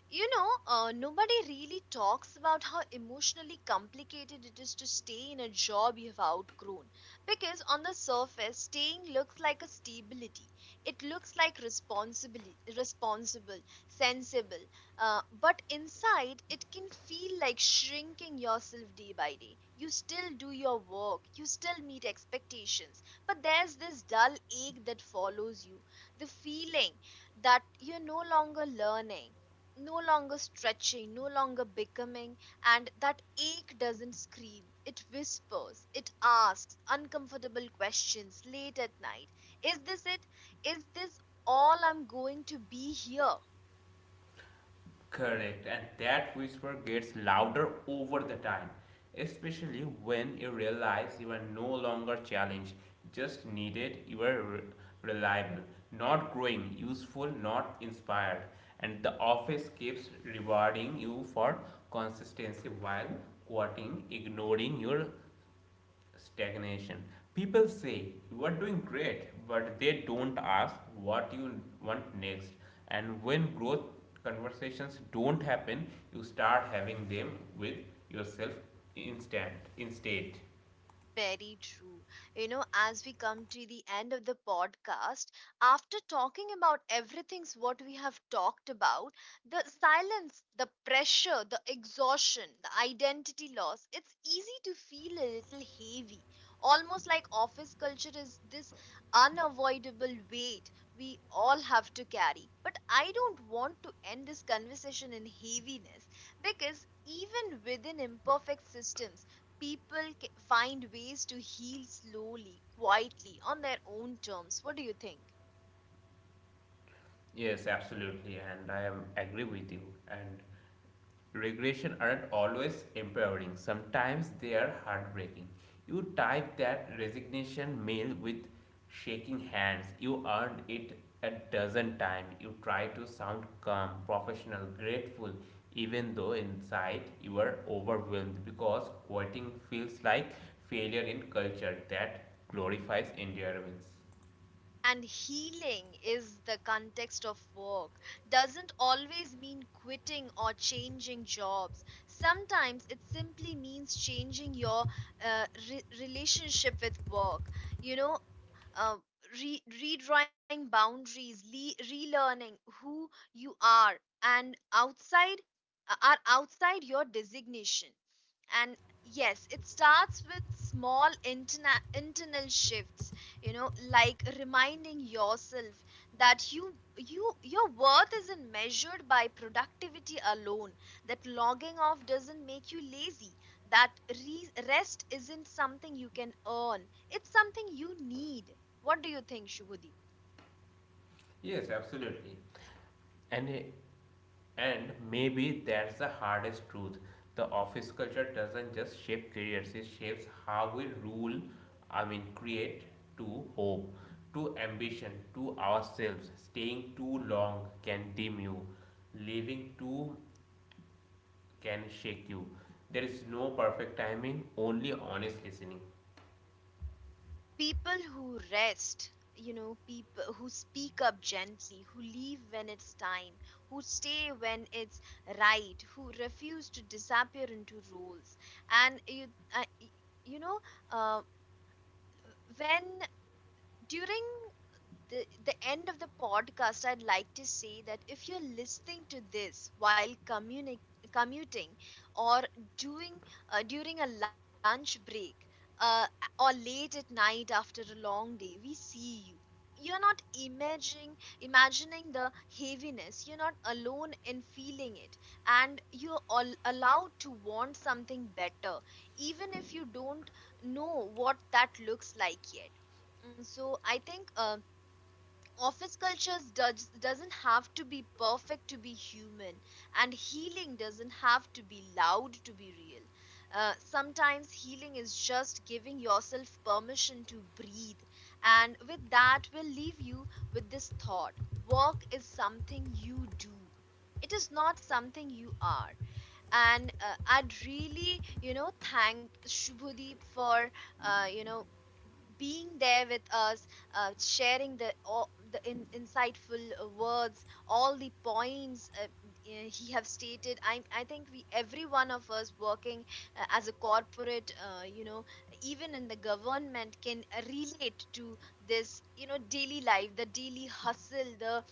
Speaker 1: You know, uh, nobody really talks about how emotionally complicated it is to stay in a job you've outgrown. Because on the surface, staying looks like a stability. It looks like responsibility, responsible, sensible. Uh, but inside, it can feel like shrinking yourself day by day. You still do your work, you still meet expectations, but there's this dull ache that follows you. The feeling that you're no longer learning, no longer stretching, no longer becoming, and that ache doesn't scream. It whispers, it asks uncomfortable questions late at night. Is this it? Is this all I'm going to be here?
Speaker 2: Correct, and that whisper gets louder over the time, especially when you realize you are no longer challenged, just needed. You are re- reliable, not growing, useful, not inspired. And the office keeps rewarding you for consistency while quoting, ignoring your stagnation. People say you are doing great, but they don't ask what you want next. And when growth conversations don't happen, you start having them with yourself instant instead.
Speaker 1: Very true. You know, as we come to the end of the podcast, after talking about everything's what we have talked about, the silence, the pressure, the exhaustion, the identity loss, it's easy to feel a little heavy. Almost like office culture is this unavoidable weight we all have to carry. But I don't want to end this conversation in heaviness because even within imperfect systems, people ca- find ways to heal slowly, quietly, on their own terms. What do you think?
Speaker 2: Yes, absolutely, and I am agree with you. And regression aren't always empowering, sometimes they are heartbreaking. You type that resignation mail with shaking hands. You earned it a dozen times. You try to sound calm, professional, grateful, even though inside you are overwhelmed because quitting feels like failure in culture that glorifies endurance.
Speaker 1: And healing is the context of work, doesn't always mean quitting or changing jobs. Sometimes it simply means changing your uh, re- relationship with work. You know, uh, re- redrawing boundaries, le- relearning who you are and outside uh, are outside your designation. And yes, it starts with small interna- internal shifts, you know, like reminding yourself that you you your worth isn't measured by productivity alone, that logging off doesn't make you lazy, that re- rest isn't something you can earn, it's something you need. What do you think, Shubhudeep?
Speaker 2: Yes, absolutely. And And maybe that's the hardest truth. The office culture doesn't just shape careers, it shapes how we rule, I mean, create, to hope, to ambition, to ourselves. Staying too long can dim you, leaving too can shake you. There is no perfect timing, only honest listening.
Speaker 1: People who rest, you know, people who speak up gently, who leave when it's time, who stay when it's right, who refuse to disappear into roles. And you, uh, y- you know, uh, when during the, the end of the podcast, I'd like to say that if you're listening to this while communi- commuting or doing uh, during a lunch break uh, or late at night after a long day, we see you. You're not imagining imagining the heaviness. You're not alone in feeling it, and you're all allowed to want something better, even if you don't know what that looks like yet. Mm, so I think uh, office cultures does, doesn't have to be perfect to be human, and healing doesn't have to be loud to be real. uh, sometimes healing is just giving yourself permission to breathe, and with that we'll leave you with this thought. Work is something you do, it is not something you are. And uh, I'd really you know thank Shubhadeep for uh, you know being there with us, uh, sharing the all, the in, insightful uh, words, all the points uh, eh, he have stated. I I think we every one of us working uh, as a corporate, uh, you know, even in the government can relate to this, you know, daily life, the daily hustle, the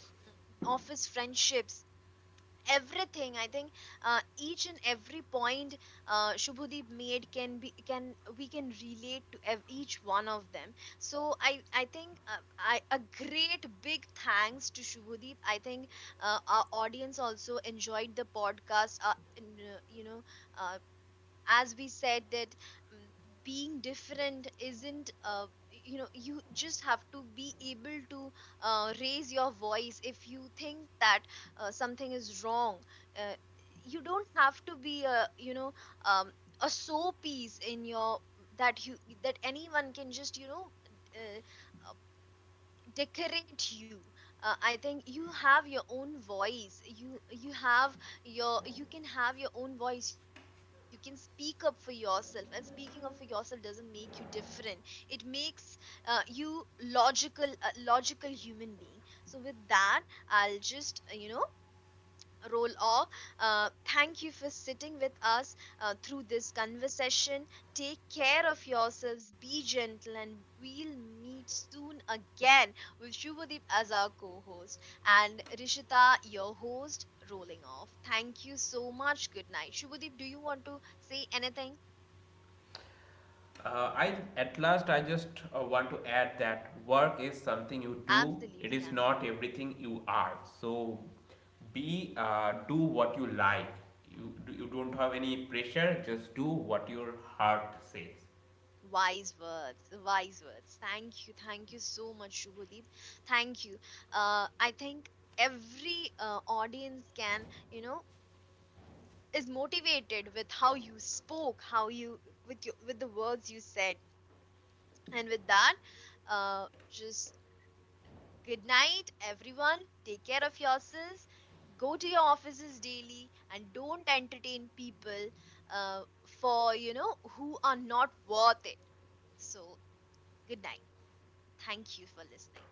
Speaker 1: office friendships, everything. I think uh, each and every point uh, Shubhadeep made can be can we can relate to ev- each one of them. So i i think uh, I a great big thanks to Shubhadeep. I think uh, our audience also enjoyed the podcast. Uh, and, uh, you know uh, as we said that, um, being different isn't uh, y- you know you just have to be able to uh, raise your voice if you think that uh, something is wrong. uh, you don't have to be a you know um, a so piece in your that you that anyone can just you know uh, decorate you. uh, I think you have your own voice. You you have your you can have your own voice, you can speak up for yourself, and speaking up for yourself doesn't make you different. It makes uh, you logical, a logical human being. So with that, I'll just uh, you know role of uh, thank you for sitting with us uh, through this conversation. Take care of yourselves, be gentle, and we'll meet soon again with Shubhadeep as our co-host, and Rishita, your host, rolling off. Thank you so much, good night, Shubhadeep. Do you want to say anything?
Speaker 2: Uh, I at last I just uh, want to add that work is something you do. It
Speaker 1: Absolutely,
Speaker 2: is not
Speaker 1: absolutely.
Speaker 2: everything you are. So be uh, do what you like. You you don't have any pressure. Just do what your heart says.
Speaker 1: Wise words, wise words. Thank you, thank you so much, Shubhadeep. Thank you. Uh, I think every uh, audience can, you know, is motivated with how you spoke, how you with your with the words you said, and with that, uh, just good night, everyone. Take care of yourselves. Go to your offices daily and don't entertain people uh, for you know who are not worth it. So good night. Thank you for listening.